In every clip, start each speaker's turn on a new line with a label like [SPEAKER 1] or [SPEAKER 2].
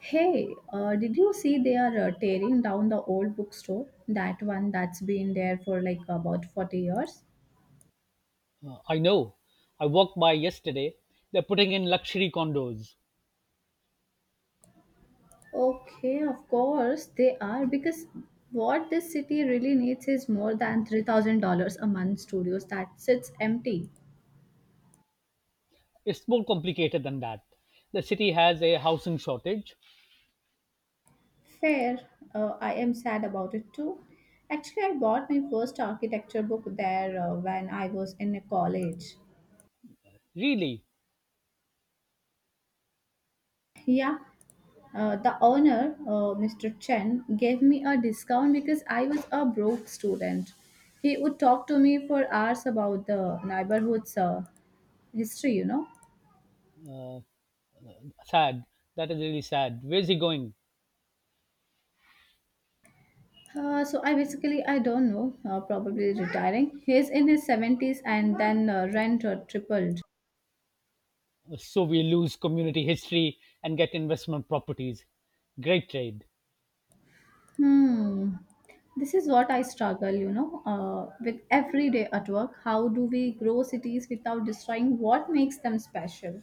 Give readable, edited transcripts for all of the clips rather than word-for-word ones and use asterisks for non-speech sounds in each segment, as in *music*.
[SPEAKER 1] Hey, did you see they are tearing down the old bookstore? That one that's been there for about 40 years?
[SPEAKER 2] I know. I walked by yesterday. They're putting in luxury condos.
[SPEAKER 1] Okay, of course they are, because what this city really needs is more than $3,000 a month studios that sits empty.
[SPEAKER 2] It's more complicated than that. The city has a housing shortage.
[SPEAKER 1] Fair. I am sad about it too. Actually, I bought my first architecture book there when I was in college.
[SPEAKER 2] Really
[SPEAKER 1] Yeah. The owner, Mr. Chen, gave me a discount because I was a broke student. He would talk to me for hours about the neighborhood's history, you know.
[SPEAKER 2] uh, sad. That is really sad. Where's he going?
[SPEAKER 1] So I don't know, probably retiring. He's in his 70s, and then rent tripled.
[SPEAKER 2] So we lose community history and get investment properties. Great trade.
[SPEAKER 1] Hmm. This is what I struggle, with every day at work. How do we grow cities without destroying what makes them special?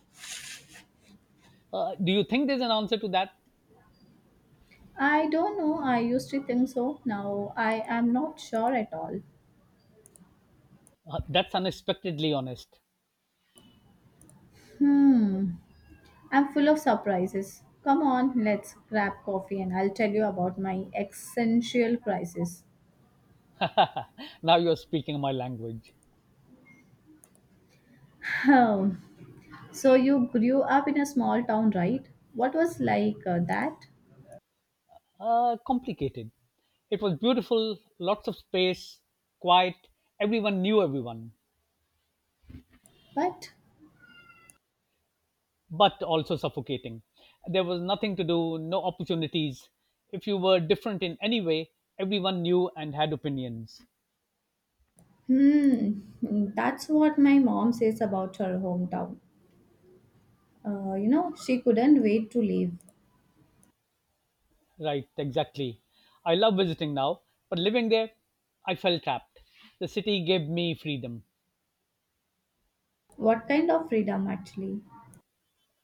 [SPEAKER 2] Do you think there's an answer to that?
[SPEAKER 1] I don't know. I used to think so. Now I am not sure at all.
[SPEAKER 2] That's unexpectedly honest.
[SPEAKER 1] Hmm. I'm full of surprises. Come on, let's grab coffee and I'll tell you about my existential crisis.
[SPEAKER 2] Now you're speaking my language.
[SPEAKER 1] Hmm. So you grew up in a small town, right? What was that?
[SPEAKER 2] Complicated. It was beautiful, lots of space, quiet, everyone knew everyone.
[SPEAKER 1] But
[SPEAKER 2] But also suffocating. There was nothing to do, no opportunities. If you were different in any way, everyone knew and had opinions.
[SPEAKER 1] hmm, that's what my mom says about her hometown. You know, she couldn't wait to leave.
[SPEAKER 2] Right, exactly. I love visiting now, but living there, I felt trapped. The city gave me freedom.
[SPEAKER 1] What kind of freedom, actually?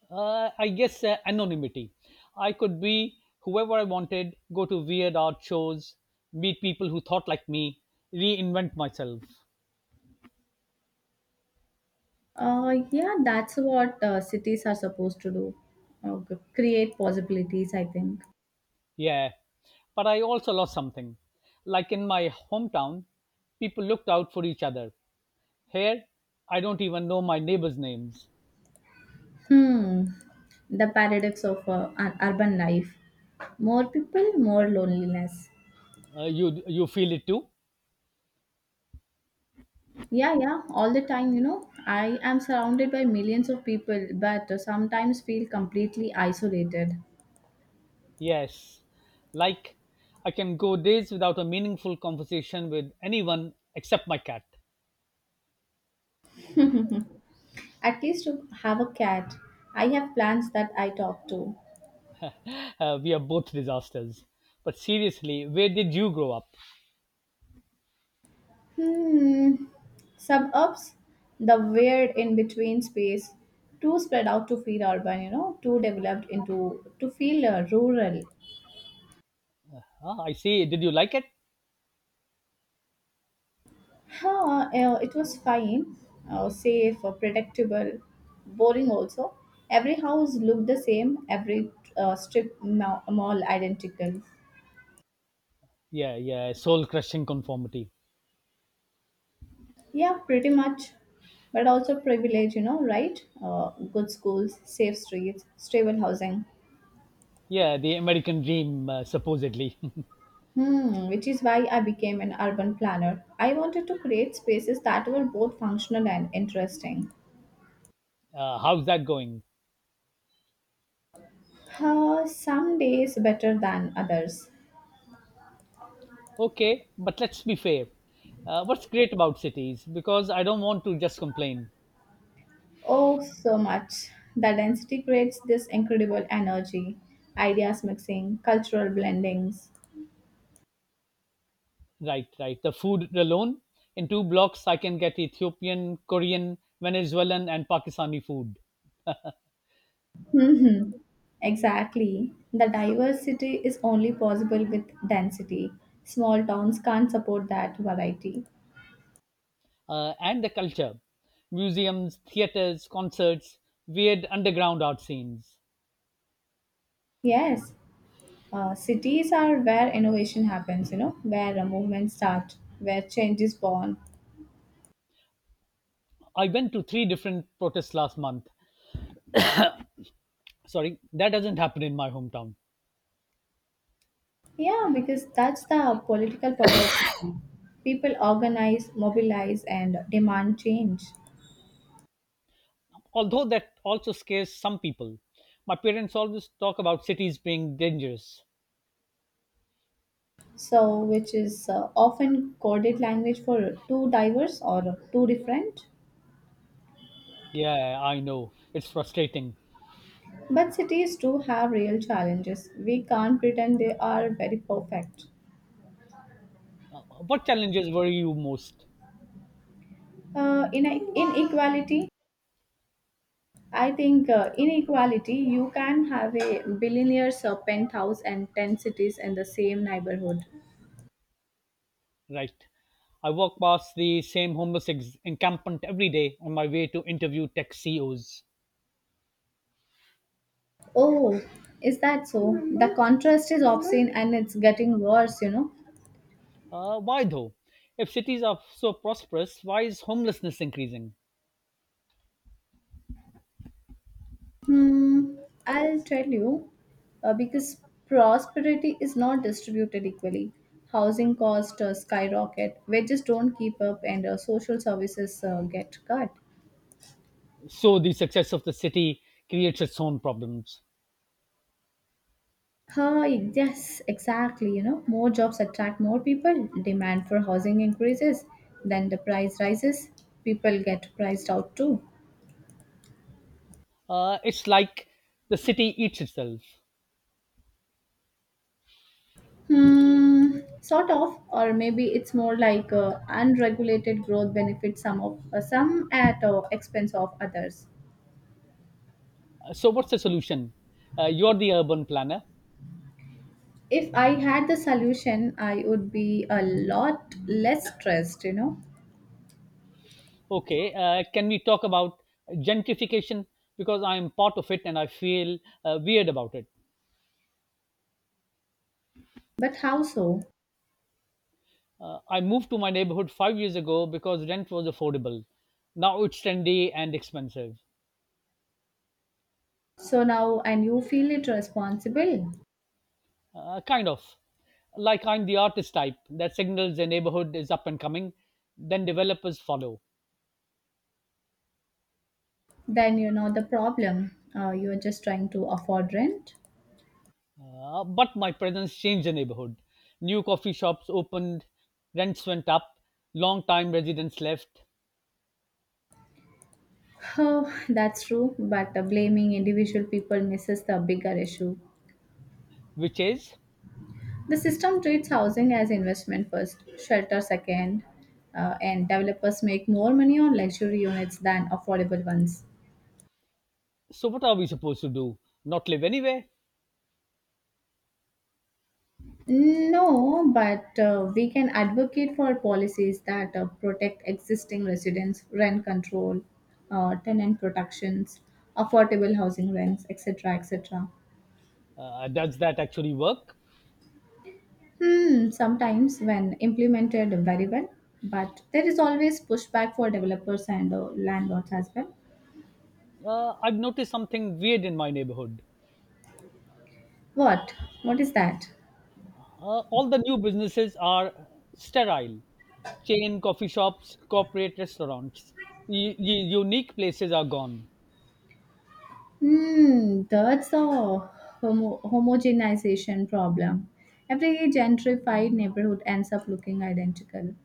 [SPEAKER 2] I guess anonymity. I could be whoever I wanted, go to weird art shows, meet people who thought like me, reinvent myself.
[SPEAKER 1] Yeah, that's what cities are supposed to do. Create possibilities, I think.
[SPEAKER 2] Yeah, but I also lost something. Like in my hometown, people looked out for each other. Here, I don't even know my neighbors' names.
[SPEAKER 1] Hmm, the paradox of urban life. More people, more loneliness.
[SPEAKER 2] You feel it too?
[SPEAKER 1] Yeah, yeah, all the time, you know. I am surrounded by millions of people, but sometimes feel completely isolated.
[SPEAKER 2] Yes. Like I can go days without a meaningful conversation with anyone except my cat.
[SPEAKER 1] At least to have a cat, I have plants that I talk to.
[SPEAKER 2] We are both disasters. But seriously, where did you grow up?
[SPEAKER 1] Hmm. Suburbs, the weird in between space, too spread out to feel urban, you know, too developed into to feel rural.
[SPEAKER 2] Ah, I see. Did you like it?
[SPEAKER 1] Huh, it was fine, safe, predictable, boring also. Every house looked the same, every mall identical.
[SPEAKER 2] Yeah, yeah. Soul crushing conformity.
[SPEAKER 1] Yeah, pretty much. But also privilege, you know, right? Good schools, safe streets, stable housing.
[SPEAKER 2] Yeah, the American dream, supposedly. *laughs*
[SPEAKER 1] Hmm, which is why I became an urban planner. I wanted to create spaces that were both functional and interesting.
[SPEAKER 2] How's that going?
[SPEAKER 1] Some days better than others.
[SPEAKER 2] Okay, but let's be fair. What's great about cities? Because I don't want to just complain.
[SPEAKER 1] Oh, so much. The density creates this incredible energy, ideas mixing, cultural blendings.
[SPEAKER 2] Right, right. The food alone. In two blocks, I can get Ethiopian, Korean, Venezuelan, and Pakistani food.
[SPEAKER 1] Hmm. Exactly. The diversity is only possible with density. Small towns can't support that variety.
[SPEAKER 2] And the culture, museums, theaters, concerts, weird underground art scenes.
[SPEAKER 1] Yes. Cities are where innovation happens, you know, where a movement starts, where change is born.
[SPEAKER 2] I went to three different protests last month. Sorry, that doesn't happen in my hometown.
[SPEAKER 1] Yeah, because that's the political power of city. People organize, mobilize, and demand change.
[SPEAKER 2] Although that also scares some people. My parents always talk about cities being dangerous.
[SPEAKER 1] So, which is often coded language for too diverse or too different.
[SPEAKER 2] Yeah, I know. It's frustrating.
[SPEAKER 1] But cities do have real challenges. We can't pretend they are very perfect.
[SPEAKER 2] What challenges worry you most?
[SPEAKER 1] In Inequality, I think, inequality, you can have a billionaire's penthouse and 10 cities in the same neighborhood.
[SPEAKER 2] Right. I walk past the same homeless encampment every day on my way to interview tech CEOs.
[SPEAKER 1] Oh, is that so? The contrast is obscene and it's getting worse, you know.
[SPEAKER 2] Why though? If cities are so prosperous, why is homelessness increasing?
[SPEAKER 1] Hmm, I'll tell you, because prosperity is not distributed equally. Housing costs skyrocket, wages don't keep up, and social services get cut.
[SPEAKER 2] So the success of the city creates its own problems.
[SPEAKER 1] Huh, yes, exactly. You know, more jobs attract more people. Demand for housing increases. Then the price rises. People get priced out too.
[SPEAKER 2] It's like the city eats itself.
[SPEAKER 1] Hmm, sort of, or maybe it's more like unregulated growth benefits some at expense of others.
[SPEAKER 2] So what's the solution? You're the urban planner.
[SPEAKER 1] If I had the solution, I would be a lot less stressed, you know.
[SPEAKER 2] Okay, can we talk about gentrification? Because I am part of it and I feel weird about it.
[SPEAKER 1] But how so?
[SPEAKER 2] I moved to my neighborhood 5 years ago because rent was affordable. Now it's trendy and expensive.
[SPEAKER 1] So now, and you feel it responsible.
[SPEAKER 2] Kind of. Like I'm the artist type that signals a neighborhood is up and coming, then developers follow.
[SPEAKER 1] Then you know the problem. You're just trying to afford rent.
[SPEAKER 2] But my presence changed the neighborhood. New coffee shops opened, rents went up, long time residents left,
[SPEAKER 1] Oh, that's true, but blaming individual people misses the bigger issue.
[SPEAKER 2] which is.
[SPEAKER 1] The system treats housing as investment first, shelter second, and developers make more money on luxury units than affordable ones.
[SPEAKER 2] So, what are we supposed to do? Not live anywhere?
[SPEAKER 1] No, but we can advocate for policies that protect existing residents, rent control, tenant protections, affordable housing rents, etc., etc.
[SPEAKER 2] Does that actually work?
[SPEAKER 1] Hmm, sometimes when implemented very well, but there is always pushback for developers and landlords as well.
[SPEAKER 2] I've noticed something weird in my neighborhood.
[SPEAKER 1] What? What is that?
[SPEAKER 2] All the new businesses are sterile, chain coffee shops, corporate restaurants. Unique places are gone.
[SPEAKER 1] Hmm, that's a homogenization problem. Every gentrified neighborhood ends up looking identical.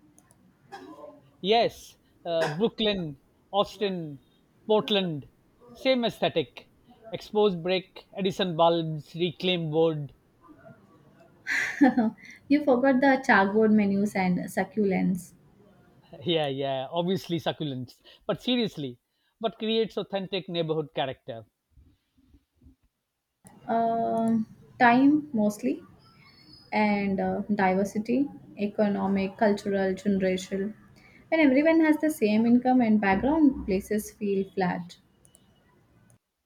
[SPEAKER 2] Yes, Brooklyn, Austin, Portland, same aesthetic. Exposed brick, Edison bulbs, reclaimed wood.
[SPEAKER 1] *laughs* You forgot the chalkboard menus and succulents.
[SPEAKER 2] Yeah, yeah, obviously succulents. But seriously, what creates authentic neighborhood character?
[SPEAKER 1] Um, Time mostly, and diversity, economic, cultural, generational. When everyone has the same income and background, places feel flat.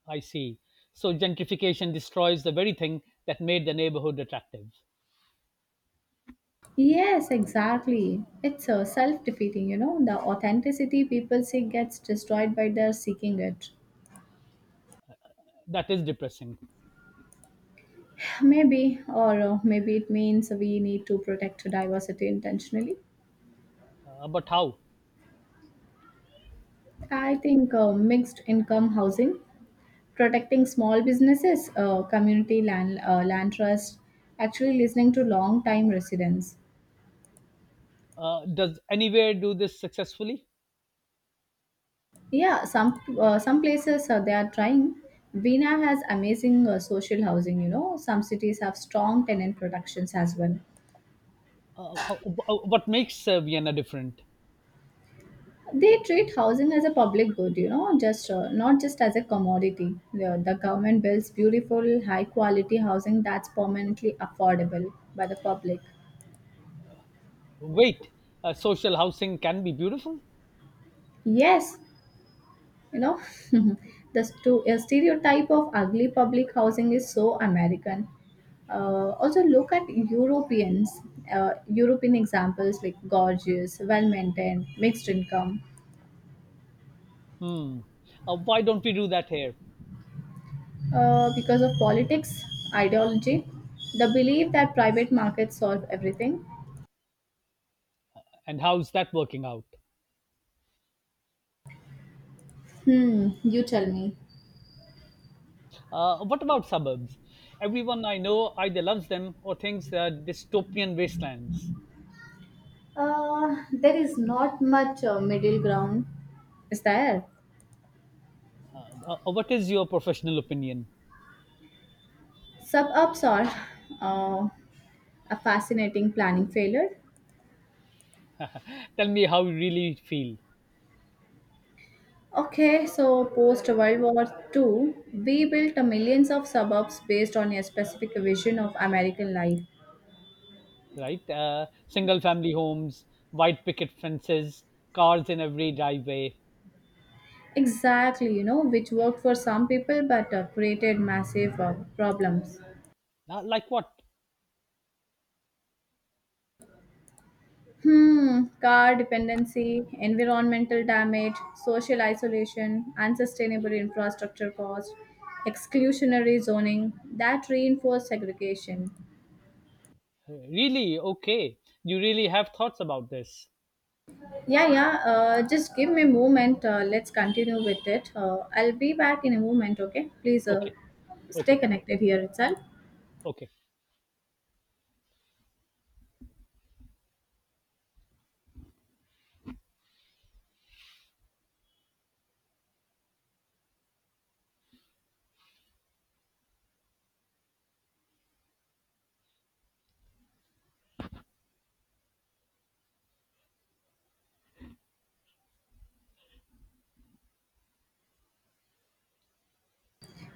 [SPEAKER 2] I see. So gentrification destroys the very thing that made the neighborhood attractive.
[SPEAKER 1] Yes, exactly. It's self defeating, you know. The authenticity people seek gets destroyed by their seeking it.
[SPEAKER 2] That is depressing.
[SPEAKER 1] Maybe, or maybe it means we need to protect diversity intentionally.
[SPEAKER 2] But how?
[SPEAKER 1] I think mixed income housing, protecting small businesses, community land, land trust, actually listening to long time residents.
[SPEAKER 2] Does anywhere do this successfully?
[SPEAKER 1] Yeah, some places they are trying. Vina has amazing social housing. You know, some cities have strong tenant protections as well.
[SPEAKER 2] What makes Vienna different?
[SPEAKER 1] They treat housing as a public good. You know, just not just as a commodity. The government builds beautiful, high quality housing that's permanently affordable by the public.
[SPEAKER 2] Wait, social housing can be beautiful?
[SPEAKER 1] Yes, you know. *laughs* The stereotype of ugly public housing is so American. Also look at Europeans, European examples like gorgeous, well maintained mixed income.
[SPEAKER 2] Hmm. Why don't we do that here?
[SPEAKER 1] Because of politics, ideology, the belief that private markets solve everything.
[SPEAKER 2] And how's that working out?
[SPEAKER 1] Hmm, you tell me.
[SPEAKER 2] What about suburbs? Everyone I know either loves them or thinks they are dystopian wastelands.
[SPEAKER 1] There is not much middle ground, is there.
[SPEAKER 2] What is your professional opinion?
[SPEAKER 1] Suburbs are uh, a fascinating planning failure.
[SPEAKER 2] Tell me how you really feel,
[SPEAKER 1] Okay, so post World War II, we built millions of suburbs based on a specific vision of American life.
[SPEAKER 2] right? Single family homes, white picket fences, cars in every driveway.
[SPEAKER 1] Exactly, you know, which worked for some people but created massive problems.
[SPEAKER 2] Like what?
[SPEAKER 1] Hmm, car dependency, environmental damage, social isolation, unsustainable infrastructure costs, exclusionary zoning that reinforce segregation.
[SPEAKER 2] Really? Okay. You really have thoughts about this.
[SPEAKER 1] Yeah, yeah. Just give me a moment. Let's continue with it. I'll be back in a moment, okay? Please,
[SPEAKER 2] Okay.
[SPEAKER 1] stay
[SPEAKER 2] Okay.
[SPEAKER 1] connected here itself.
[SPEAKER 2] Okay.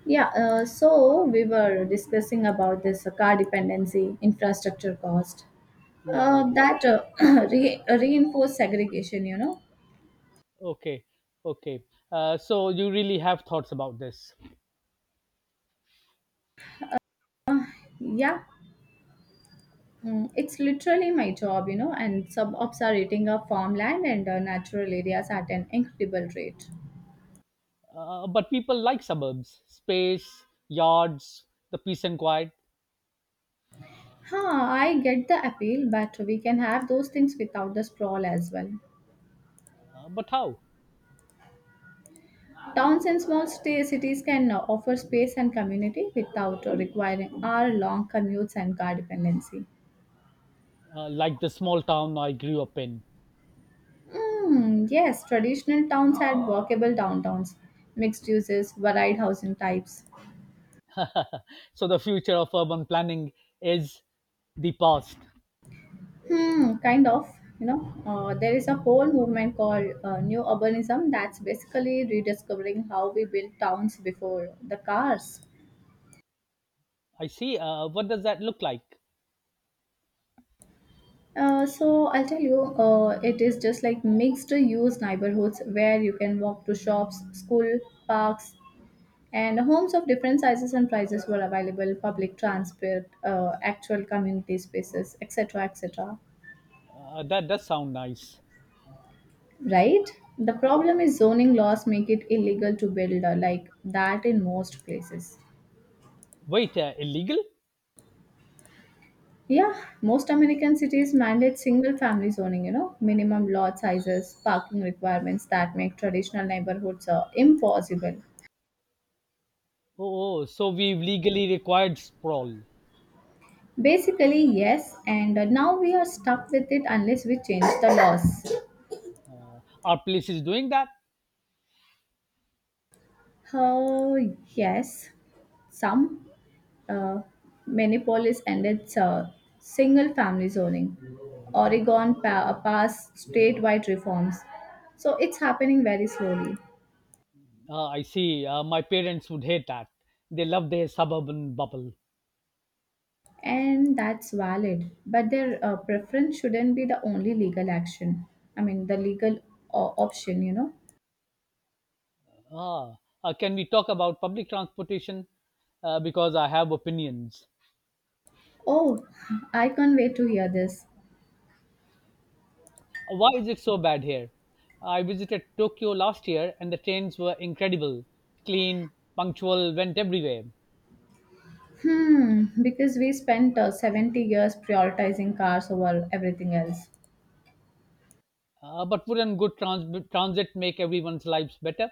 [SPEAKER 1] Yeah, so we were discussing about this car dependency, infrastructure cost,
[SPEAKER 2] Yeah, yeah.
[SPEAKER 1] that *clears throat* reinforced segregation, you know.
[SPEAKER 2] Okay. Okay. So you really have thoughts about this.
[SPEAKER 1] Yeah, mm, it's literally my job, you know, and suburbs are eating up farmland and natural areas at an incredible rate.
[SPEAKER 2] But people like suburbs, space, yards, the peace and quiet.
[SPEAKER 1] Huh, I get the appeal, but we can have those things without the sprawl as well.
[SPEAKER 2] But how?
[SPEAKER 1] Towns and cities can offer space and community without requiring hour long commutes and car dependency.
[SPEAKER 2] Like the small town I grew up in.
[SPEAKER 1] Mm, yes, traditional towns had walkable downtowns, mixed uses, varied housing types.
[SPEAKER 2] So the future of urban planning is the past.
[SPEAKER 1] Hmm, kind of. You know, there is a whole movement called New Urbanism that's basically rediscovering how we built towns before the cars.
[SPEAKER 2] I see. What does that look like?
[SPEAKER 1] It is just like mixed use neighborhoods where you can walk to shops, school, parks, and homes of different sizes and prices were available, public transport, actual community spaces, etc., etc.
[SPEAKER 2] That does sound nice.
[SPEAKER 1] Right? The problem is zoning laws make it illegal to build like that in most places.
[SPEAKER 2] Wait, illegal?
[SPEAKER 1] Yeah, most American cities mandate single family zoning, you know, minimum lot sizes, parking requirements that make traditional neighborhoods impossible.
[SPEAKER 2] Oh, oh, so we've legally required sprawl.
[SPEAKER 1] Basically, yes, and now we are stuck with it unless we change the laws.
[SPEAKER 2] Our place is doing that?
[SPEAKER 1] Oh, yes, some uh, Minneapolis ended single family zoning. Oregon passed statewide reforms. So it's happening very slowly,
[SPEAKER 2] I see. My parents would hate that. They love their suburban bubble.
[SPEAKER 1] and that's valid. But their preference shouldn't be the only legal action. I mean, the legal option, you know.
[SPEAKER 2] Ah, can we talk about public transportation? Because I have opinions.
[SPEAKER 1] Oh, I can't wait to hear this.
[SPEAKER 2] Why is it so bad here? I visited Tokyo last year and the trains were incredible, clean, punctual, went everywhere.
[SPEAKER 1] Hmm, because we spent 70 years prioritizing cars over everything else.
[SPEAKER 2] But wouldn't good transit make everyone's lives better?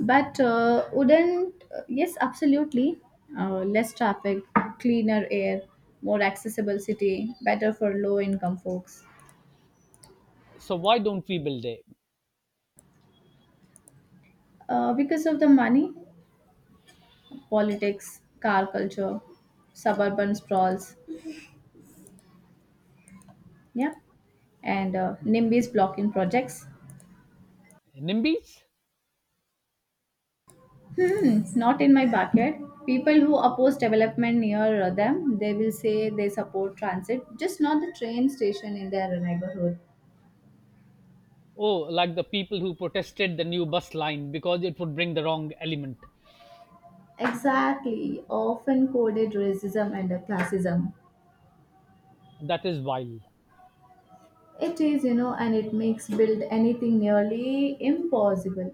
[SPEAKER 1] But wouldn't, Yes, absolutely. Less traffic, cleaner air, more accessible city, better for low income folks.
[SPEAKER 2] So why don't we build a
[SPEAKER 1] Because of the money, politics, car culture, suburban sprawls, yeah, and NIMBY's blocking projects.
[SPEAKER 2] NIMBYs?
[SPEAKER 1] Hmm, it's not in my bucket. People who oppose development near them, they will say they support transit, just not the train station in their neighborhood.
[SPEAKER 2] Oh, like the people who protested the new bus line because it would bring the wrong element.
[SPEAKER 1] Exactly, often coded racism and classism.
[SPEAKER 2] That is wild.
[SPEAKER 1] It is, you know, and it makes build anything nearly impossible.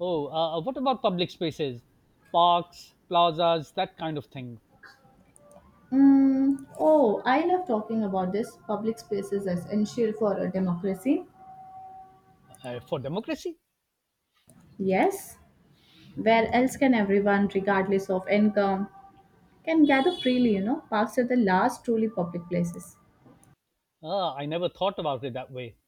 [SPEAKER 2] Oh, what about public spaces, parks, plazas, that kind of thing?
[SPEAKER 1] Mm, oh, I love talking about this. Public spaces as essential for a democracy.
[SPEAKER 2] For democracy?
[SPEAKER 1] Yes. Where else can everyone, regardless of income, can gather freely, you know, parks are the last truly public places.
[SPEAKER 2] Ah, I never thought about it that way.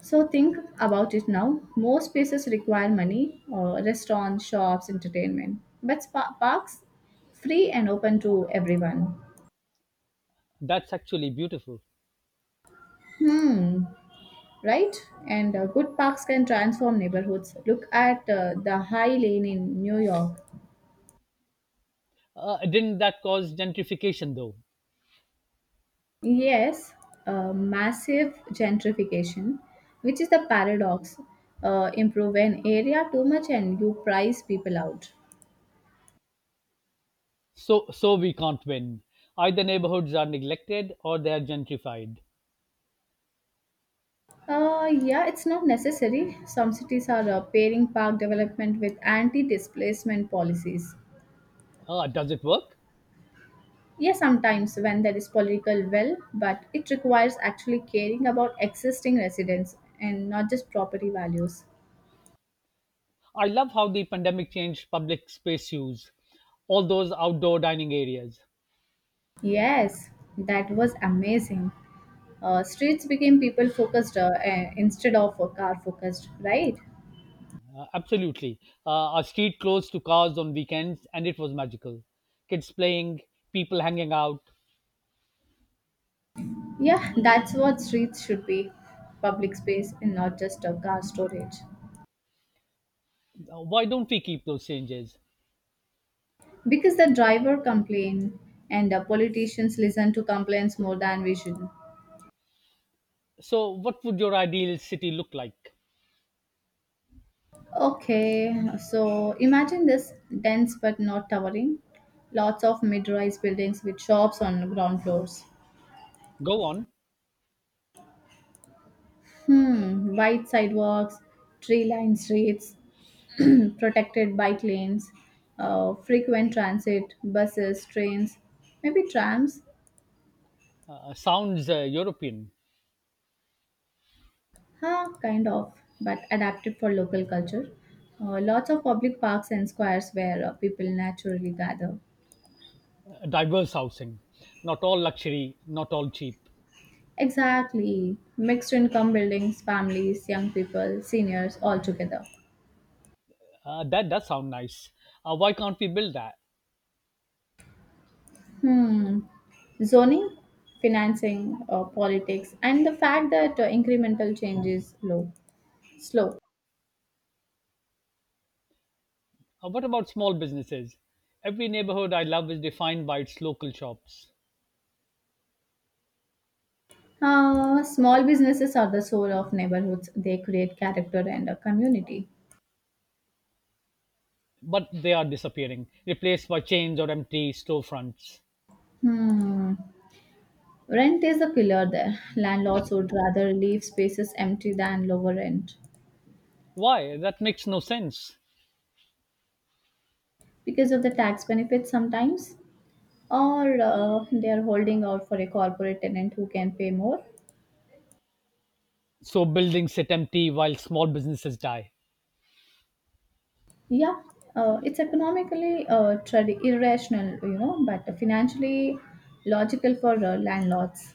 [SPEAKER 1] So think about it now. Most spaces require money, restaurants, shops, entertainment. But parks, free and open to everyone.
[SPEAKER 2] That's actually beautiful.
[SPEAKER 1] Hmm. Right? And good parks can transform neighborhoods. Look at the High Lane in New York.
[SPEAKER 2] Didn't that cause gentrification though?
[SPEAKER 1] Yes, massive gentrification, which is the paradox. Improve an area too much and you price people out.
[SPEAKER 2] So, we can't win. Either neighborhoods are neglected or they are gentrified.
[SPEAKER 1] Yeah, it's not necessary. Some cities are pairing park development with anti displacement policies.
[SPEAKER 2] Ah, does it work?
[SPEAKER 1] Yes, sometimes when there is political will, but it requires actually caring about existing residents and not just property values.
[SPEAKER 2] I love how the pandemic changed public space use, all those outdoor dining areas.
[SPEAKER 1] Yes, that was amazing. Streets became people focused instead of car focused, right?
[SPEAKER 2] Absolutely. Our street closed to cars on weekends and it was magical. Kids playing, people hanging out.
[SPEAKER 1] Yeah, that's what streets should be, public space and not just a car storage.
[SPEAKER 2] Why don't we keep those changes?
[SPEAKER 1] Because the driver complained and the politicians listen to complaints more than vision.
[SPEAKER 2] So, what would your ideal city look like?
[SPEAKER 1] Okay, so imagine this, dense but not towering. Lots of mid rise buildings with shops on ground floors.
[SPEAKER 2] Go on.
[SPEAKER 1] Hmm, wide sidewalks, tree lined streets, *clears throat* protected bike lanes, frequent transit, buses, trains, maybe trams.
[SPEAKER 2] Sounds European.
[SPEAKER 1] Huh, kind of, but adapted for local culture. Lots of public parks and squares where people naturally gather.
[SPEAKER 2] Diverse housing. Not all luxury, not all cheap.
[SPEAKER 1] Exactly. Mixed income buildings, families, young people, seniors, all together.
[SPEAKER 2] That does sound nice. Why can't we build that?
[SPEAKER 1] Hmm. Zoning, financing, politics, and the fact that incremental change is low, slow.
[SPEAKER 2] What about small businesses? Every neighborhood I love is defined by its local shops,
[SPEAKER 1] Small businesses are the soul of neighborhoods. They create character and a community.
[SPEAKER 2] but they are disappearing, replaced by chains or empty storefronts.
[SPEAKER 1] Hmm. Rent is a killer there. Landlords would rather leave spaces empty than lower rent
[SPEAKER 2] Why? That makes no sense.
[SPEAKER 1] because of the tax benefits sometimes, or they are holding out for a corporate tenant who can pay more.
[SPEAKER 2] So buildings sit empty while small businesses die.
[SPEAKER 1] Yeah, it's economically irrational, you know, but financially logical for landlords.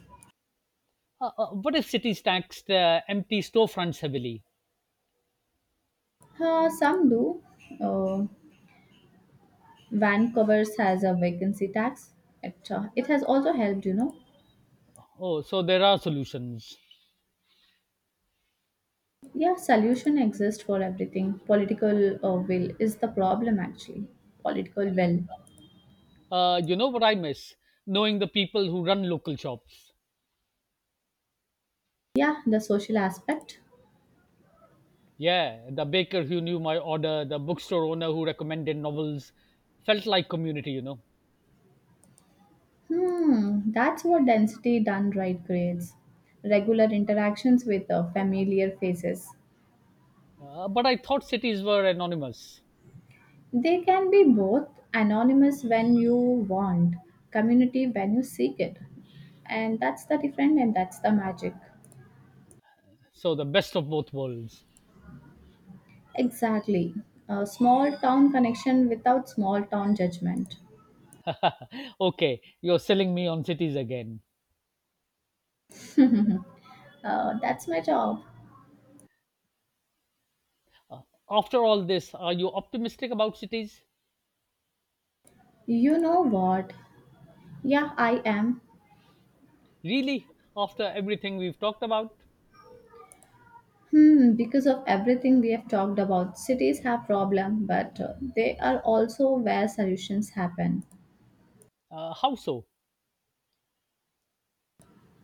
[SPEAKER 2] What if cities tax the empty storefronts heavily?
[SPEAKER 1] Some do. Uh, Vancouver's has a vacancy tax. It, it has also helped, you know.
[SPEAKER 2] Oh, so there are solutions.
[SPEAKER 1] Yeah, solution exists for everything. Political will is the problem actually. Political will.
[SPEAKER 2] You know what I miss? Knowing the people who run local shops.
[SPEAKER 1] Yeah, the social aspect.
[SPEAKER 2] Yeah, the baker who knew my order, the bookstore owner who recommended novels. Felt like community.
[SPEAKER 1] Hmm, that's what density done right creates. Regular interactions with familiar faces.
[SPEAKER 2] But I thought cities were anonymous.
[SPEAKER 1] They can be both anonymous when you want, community when you seek it. And that's the magic.
[SPEAKER 2] So the best of both worlds. *laughs*
[SPEAKER 1] Exactly. A small town connection without small town judgment.
[SPEAKER 2] Okay, you're selling me on cities again.
[SPEAKER 1] That's my job.
[SPEAKER 2] After all this, are you optimistic about cities?
[SPEAKER 1] You know what? Yeah, I am.
[SPEAKER 2] Really? After everything we've talked about?
[SPEAKER 1] Hmm, because of everything we have talked about, cities have problem, but they are also where solutions happen.
[SPEAKER 2] How so?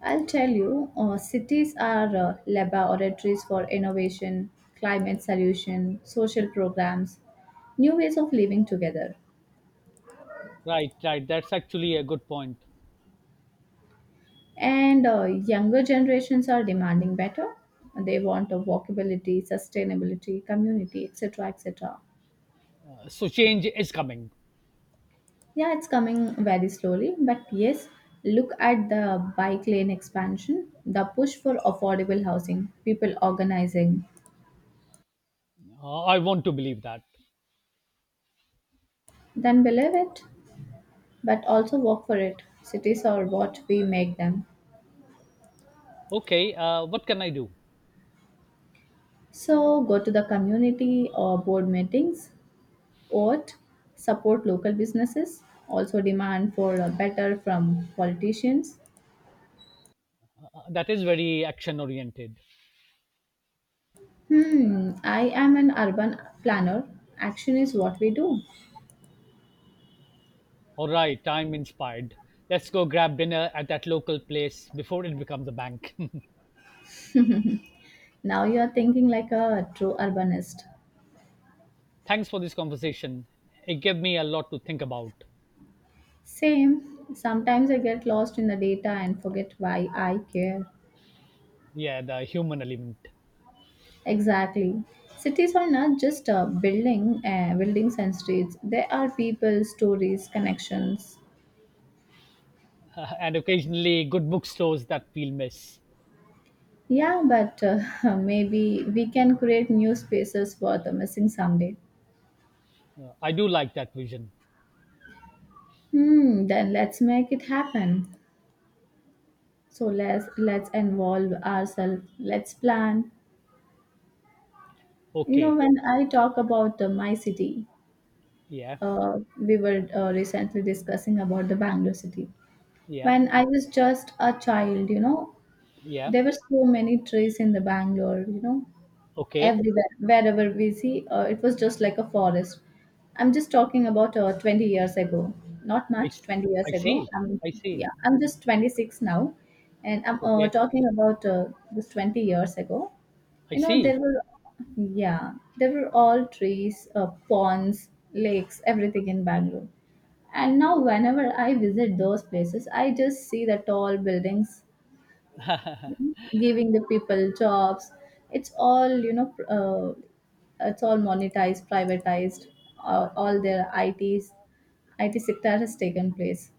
[SPEAKER 1] I'll tell you, cities are laboratories for innovation, climate solution, social programs, new ways of living together.
[SPEAKER 2] Right, right. That's actually a good point.
[SPEAKER 1] And younger generations are demanding better. They want a walkability, sustainability, community, etc., etc.
[SPEAKER 2] So change is coming.
[SPEAKER 1] Yeah, it's coming very slowly, but yes, look at the bike lane expansion, the push for affordable housing, people organizing.
[SPEAKER 2] I want to believe that.
[SPEAKER 1] Then believe it, but also work for it. Cities are what we make them.
[SPEAKER 2] Okay, what can I do?
[SPEAKER 1] So go to the community or board meetings, vote, support local businesses, also demand for a better from politicians.
[SPEAKER 2] That is very action oriented.
[SPEAKER 1] Hmm, I am an urban planner. Action is what we do.
[SPEAKER 2] All right, I'm inspired. Let's go grab dinner at that local place before it becomes a bank. *laughs*
[SPEAKER 1] Now you are thinking like a true urbanist.
[SPEAKER 2] Thanks for this conversation. It gave me a lot to think about.
[SPEAKER 1] Same. Sometimes I get lost in the data and forget why I care.
[SPEAKER 2] Yeah, the human element.
[SPEAKER 1] Exactly. Cities are not just a building, Buildings and streets. They are people, stories, connections.
[SPEAKER 2] *laughs* And occasionally good bookstores that we'll miss.
[SPEAKER 1] Yeah, but *laughs* maybe we can create new spaces for the missing someday.
[SPEAKER 2] I do like that vision.
[SPEAKER 1] Hmm. Then let's make it happen. So let's involve ourselves. Let's plan. You know,
[SPEAKER 2] Okay.
[SPEAKER 1] when I talk about my city,
[SPEAKER 2] Yeah.
[SPEAKER 1] we were recently discussing about the Bangalore city.
[SPEAKER 2] Yeah.
[SPEAKER 1] When I was just a child, you know,
[SPEAKER 2] Yeah.
[SPEAKER 1] there were so many trees in the Bangalore, you know,
[SPEAKER 2] Okay.
[SPEAKER 1] everywhere wherever we see it was just like a forest. I'm just talking about 20 years ago. not
[SPEAKER 2] I,
[SPEAKER 1] much
[SPEAKER 2] s-
[SPEAKER 1] 20 years
[SPEAKER 2] I
[SPEAKER 1] ago
[SPEAKER 2] see.
[SPEAKER 1] i'm
[SPEAKER 2] I see.
[SPEAKER 1] Yeah, I'm just 26 now, and I'm
[SPEAKER 2] Okay.
[SPEAKER 1] talking about this 20 years ago.
[SPEAKER 2] I
[SPEAKER 1] You know,
[SPEAKER 2] see.
[SPEAKER 1] there were, yeah, there were all trees, ponds, lakes, everything in Bangalore. And now whenever I visit those places, I just see the tall buildings giving the people jobs. It's all, you know, it's all monetized, privatized, all their its IT sector has taken place.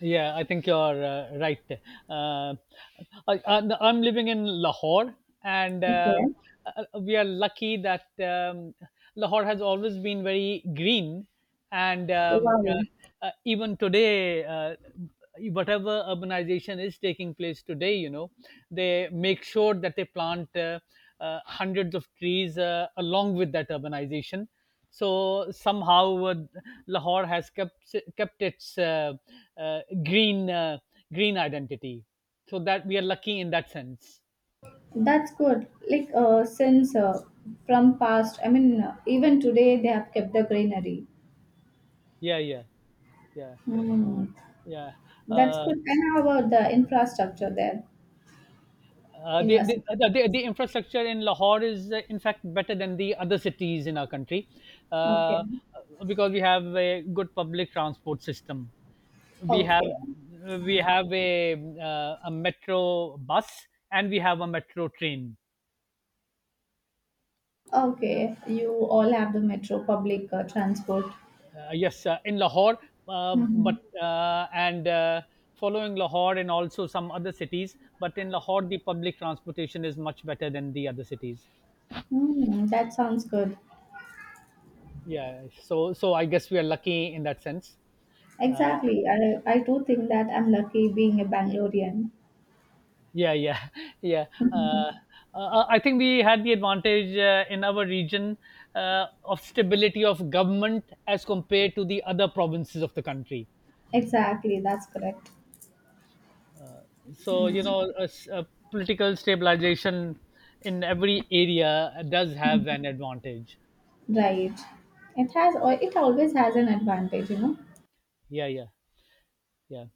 [SPEAKER 2] Yeah, I think you're right. Uh, I'm living in Lahore, and
[SPEAKER 1] Okay.
[SPEAKER 2] we are lucky that Lahore has always been very green, and
[SPEAKER 1] Wow.
[SPEAKER 2] even today, whatever urbanization is taking place today, they make sure that they plant hundreds of trees along with that urbanization, so somehow Lahore has kept its green green identity. So that we are lucky in that sense.
[SPEAKER 1] That's good, like since from past, I mean, even today they have kept the greenery.
[SPEAKER 2] Yeah, yeah, yeah,
[SPEAKER 1] Hmm.
[SPEAKER 2] yeah.
[SPEAKER 1] That's
[SPEAKER 2] Uh,
[SPEAKER 1] good. And how about the infrastructure there
[SPEAKER 2] uh,
[SPEAKER 1] in
[SPEAKER 2] the,
[SPEAKER 1] your
[SPEAKER 2] the,
[SPEAKER 1] city?
[SPEAKER 2] the, the the infrastructure in Lahore is, in fact, better than the other cities in our country uh,
[SPEAKER 1] Okay.
[SPEAKER 2] uh, because we have a good public transport system. We have
[SPEAKER 1] Okay.
[SPEAKER 2] we have a metro bus and we have a metro train.
[SPEAKER 1] Okay, you all have the metro public transport.
[SPEAKER 2] Yes, in Lahore,
[SPEAKER 1] Hmm.
[SPEAKER 2] but and following Lahore and also some other cities. But in Lahore, the public transportation is much better than the other cities.
[SPEAKER 1] Mm, that sounds good.
[SPEAKER 2] Yeah, so so I guess we are lucky in that sense. Uh,
[SPEAKER 1] Exactly. I do think that I'm lucky being a Bangalorean. *laughs*
[SPEAKER 2] yeah, yeah, *laughs* yeah.
[SPEAKER 1] Mhm.
[SPEAKER 2] Uh, I think we had the advantage in our region of stability of government as compared to the other provinces of the country.
[SPEAKER 1] Exactly, that's correct.
[SPEAKER 2] So you
[SPEAKER 1] Mm.
[SPEAKER 2] know a political stabilization in every area does
[SPEAKER 1] Mm.
[SPEAKER 2] have an advantage.
[SPEAKER 1] Right. It always has an advantage, you know.
[SPEAKER 2] Yeah, yeah, yeah.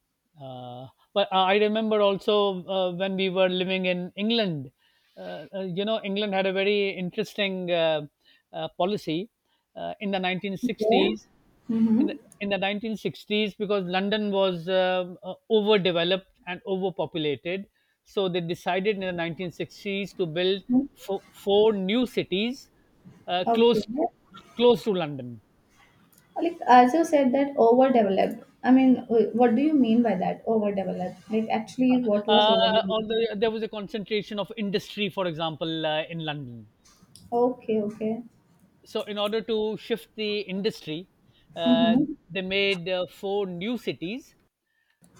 [SPEAKER 2] uh, but I remember also when we were living in England, you know, England had a very interesting policy in the
[SPEAKER 1] Yeah.
[SPEAKER 2] 1960s, in the,
[SPEAKER 1] Mm-hmm.
[SPEAKER 2] in the 1960s, because London was overdeveloped and overpopulated. So they decided in the 1960s to build four new cities
[SPEAKER 1] Okay.
[SPEAKER 2] close close to London.
[SPEAKER 1] Like as you said that overdeveloped. I mean, what do you mean by that? Overdeveloped. Like actually, what was overdeveloped?
[SPEAKER 2] Although there was a concentration of industry, for example, in London.
[SPEAKER 1] Okay. Okay.
[SPEAKER 2] So, in order to shift the industry, uh,
[SPEAKER 1] Mm-hmm.
[SPEAKER 2] they made four new cities.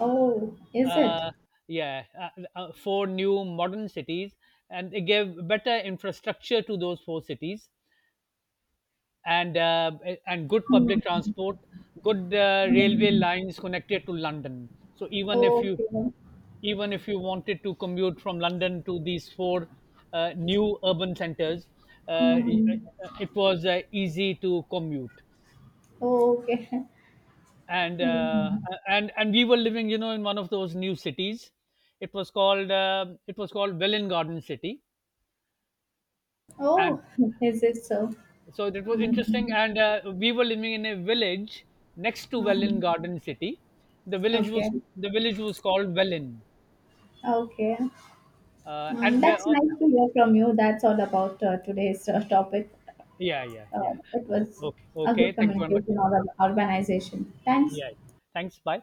[SPEAKER 1] Oh, is it?
[SPEAKER 2] Uh, yeah, four new modern cities, and they gave better infrastructure to those four cities, and uh, and good public
[SPEAKER 1] Mm-hmm.
[SPEAKER 2] transport, good railway lines connected to London. So even if you,
[SPEAKER 1] Okay.
[SPEAKER 2] even if you wanted to commute from London to these four new urban centers, uh,
[SPEAKER 1] Mhm.
[SPEAKER 2] it was easy to commute.
[SPEAKER 1] Oh, okay.
[SPEAKER 2] And uh,
[SPEAKER 1] Mhm.
[SPEAKER 2] and we were living, you know, in one of those new cities. It was called Welwyn Garden City, and
[SPEAKER 1] Oh, *laughs* is it so?
[SPEAKER 2] so that was interesting,
[SPEAKER 1] Mhm.
[SPEAKER 2] and we were living in a village next to Welwyn
[SPEAKER 1] Mhm.
[SPEAKER 2] Garden City. the village was
[SPEAKER 1] Okay.
[SPEAKER 2] the village was called Welwyn,
[SPEAKER 1] Okay. Mm,
[SPEAKER 2] and the,
[SPEAKER 1] that's nice to hear from you. That's all about today's topic.
[SPEAKER 2] yeah yeah yeah.
[SPEAKER 1] It was
[SPEAKER 2] uh, okay,
[SPEAKER 1] a
[SPEAKER 2] okay,
[SPEAKER 1] good
[SPEAKER 2] thank you very much.
[SPEAKER 1] communication or organization. Thanks.
[SPEAKER 2] Yeah, yeah. Thanks, bye.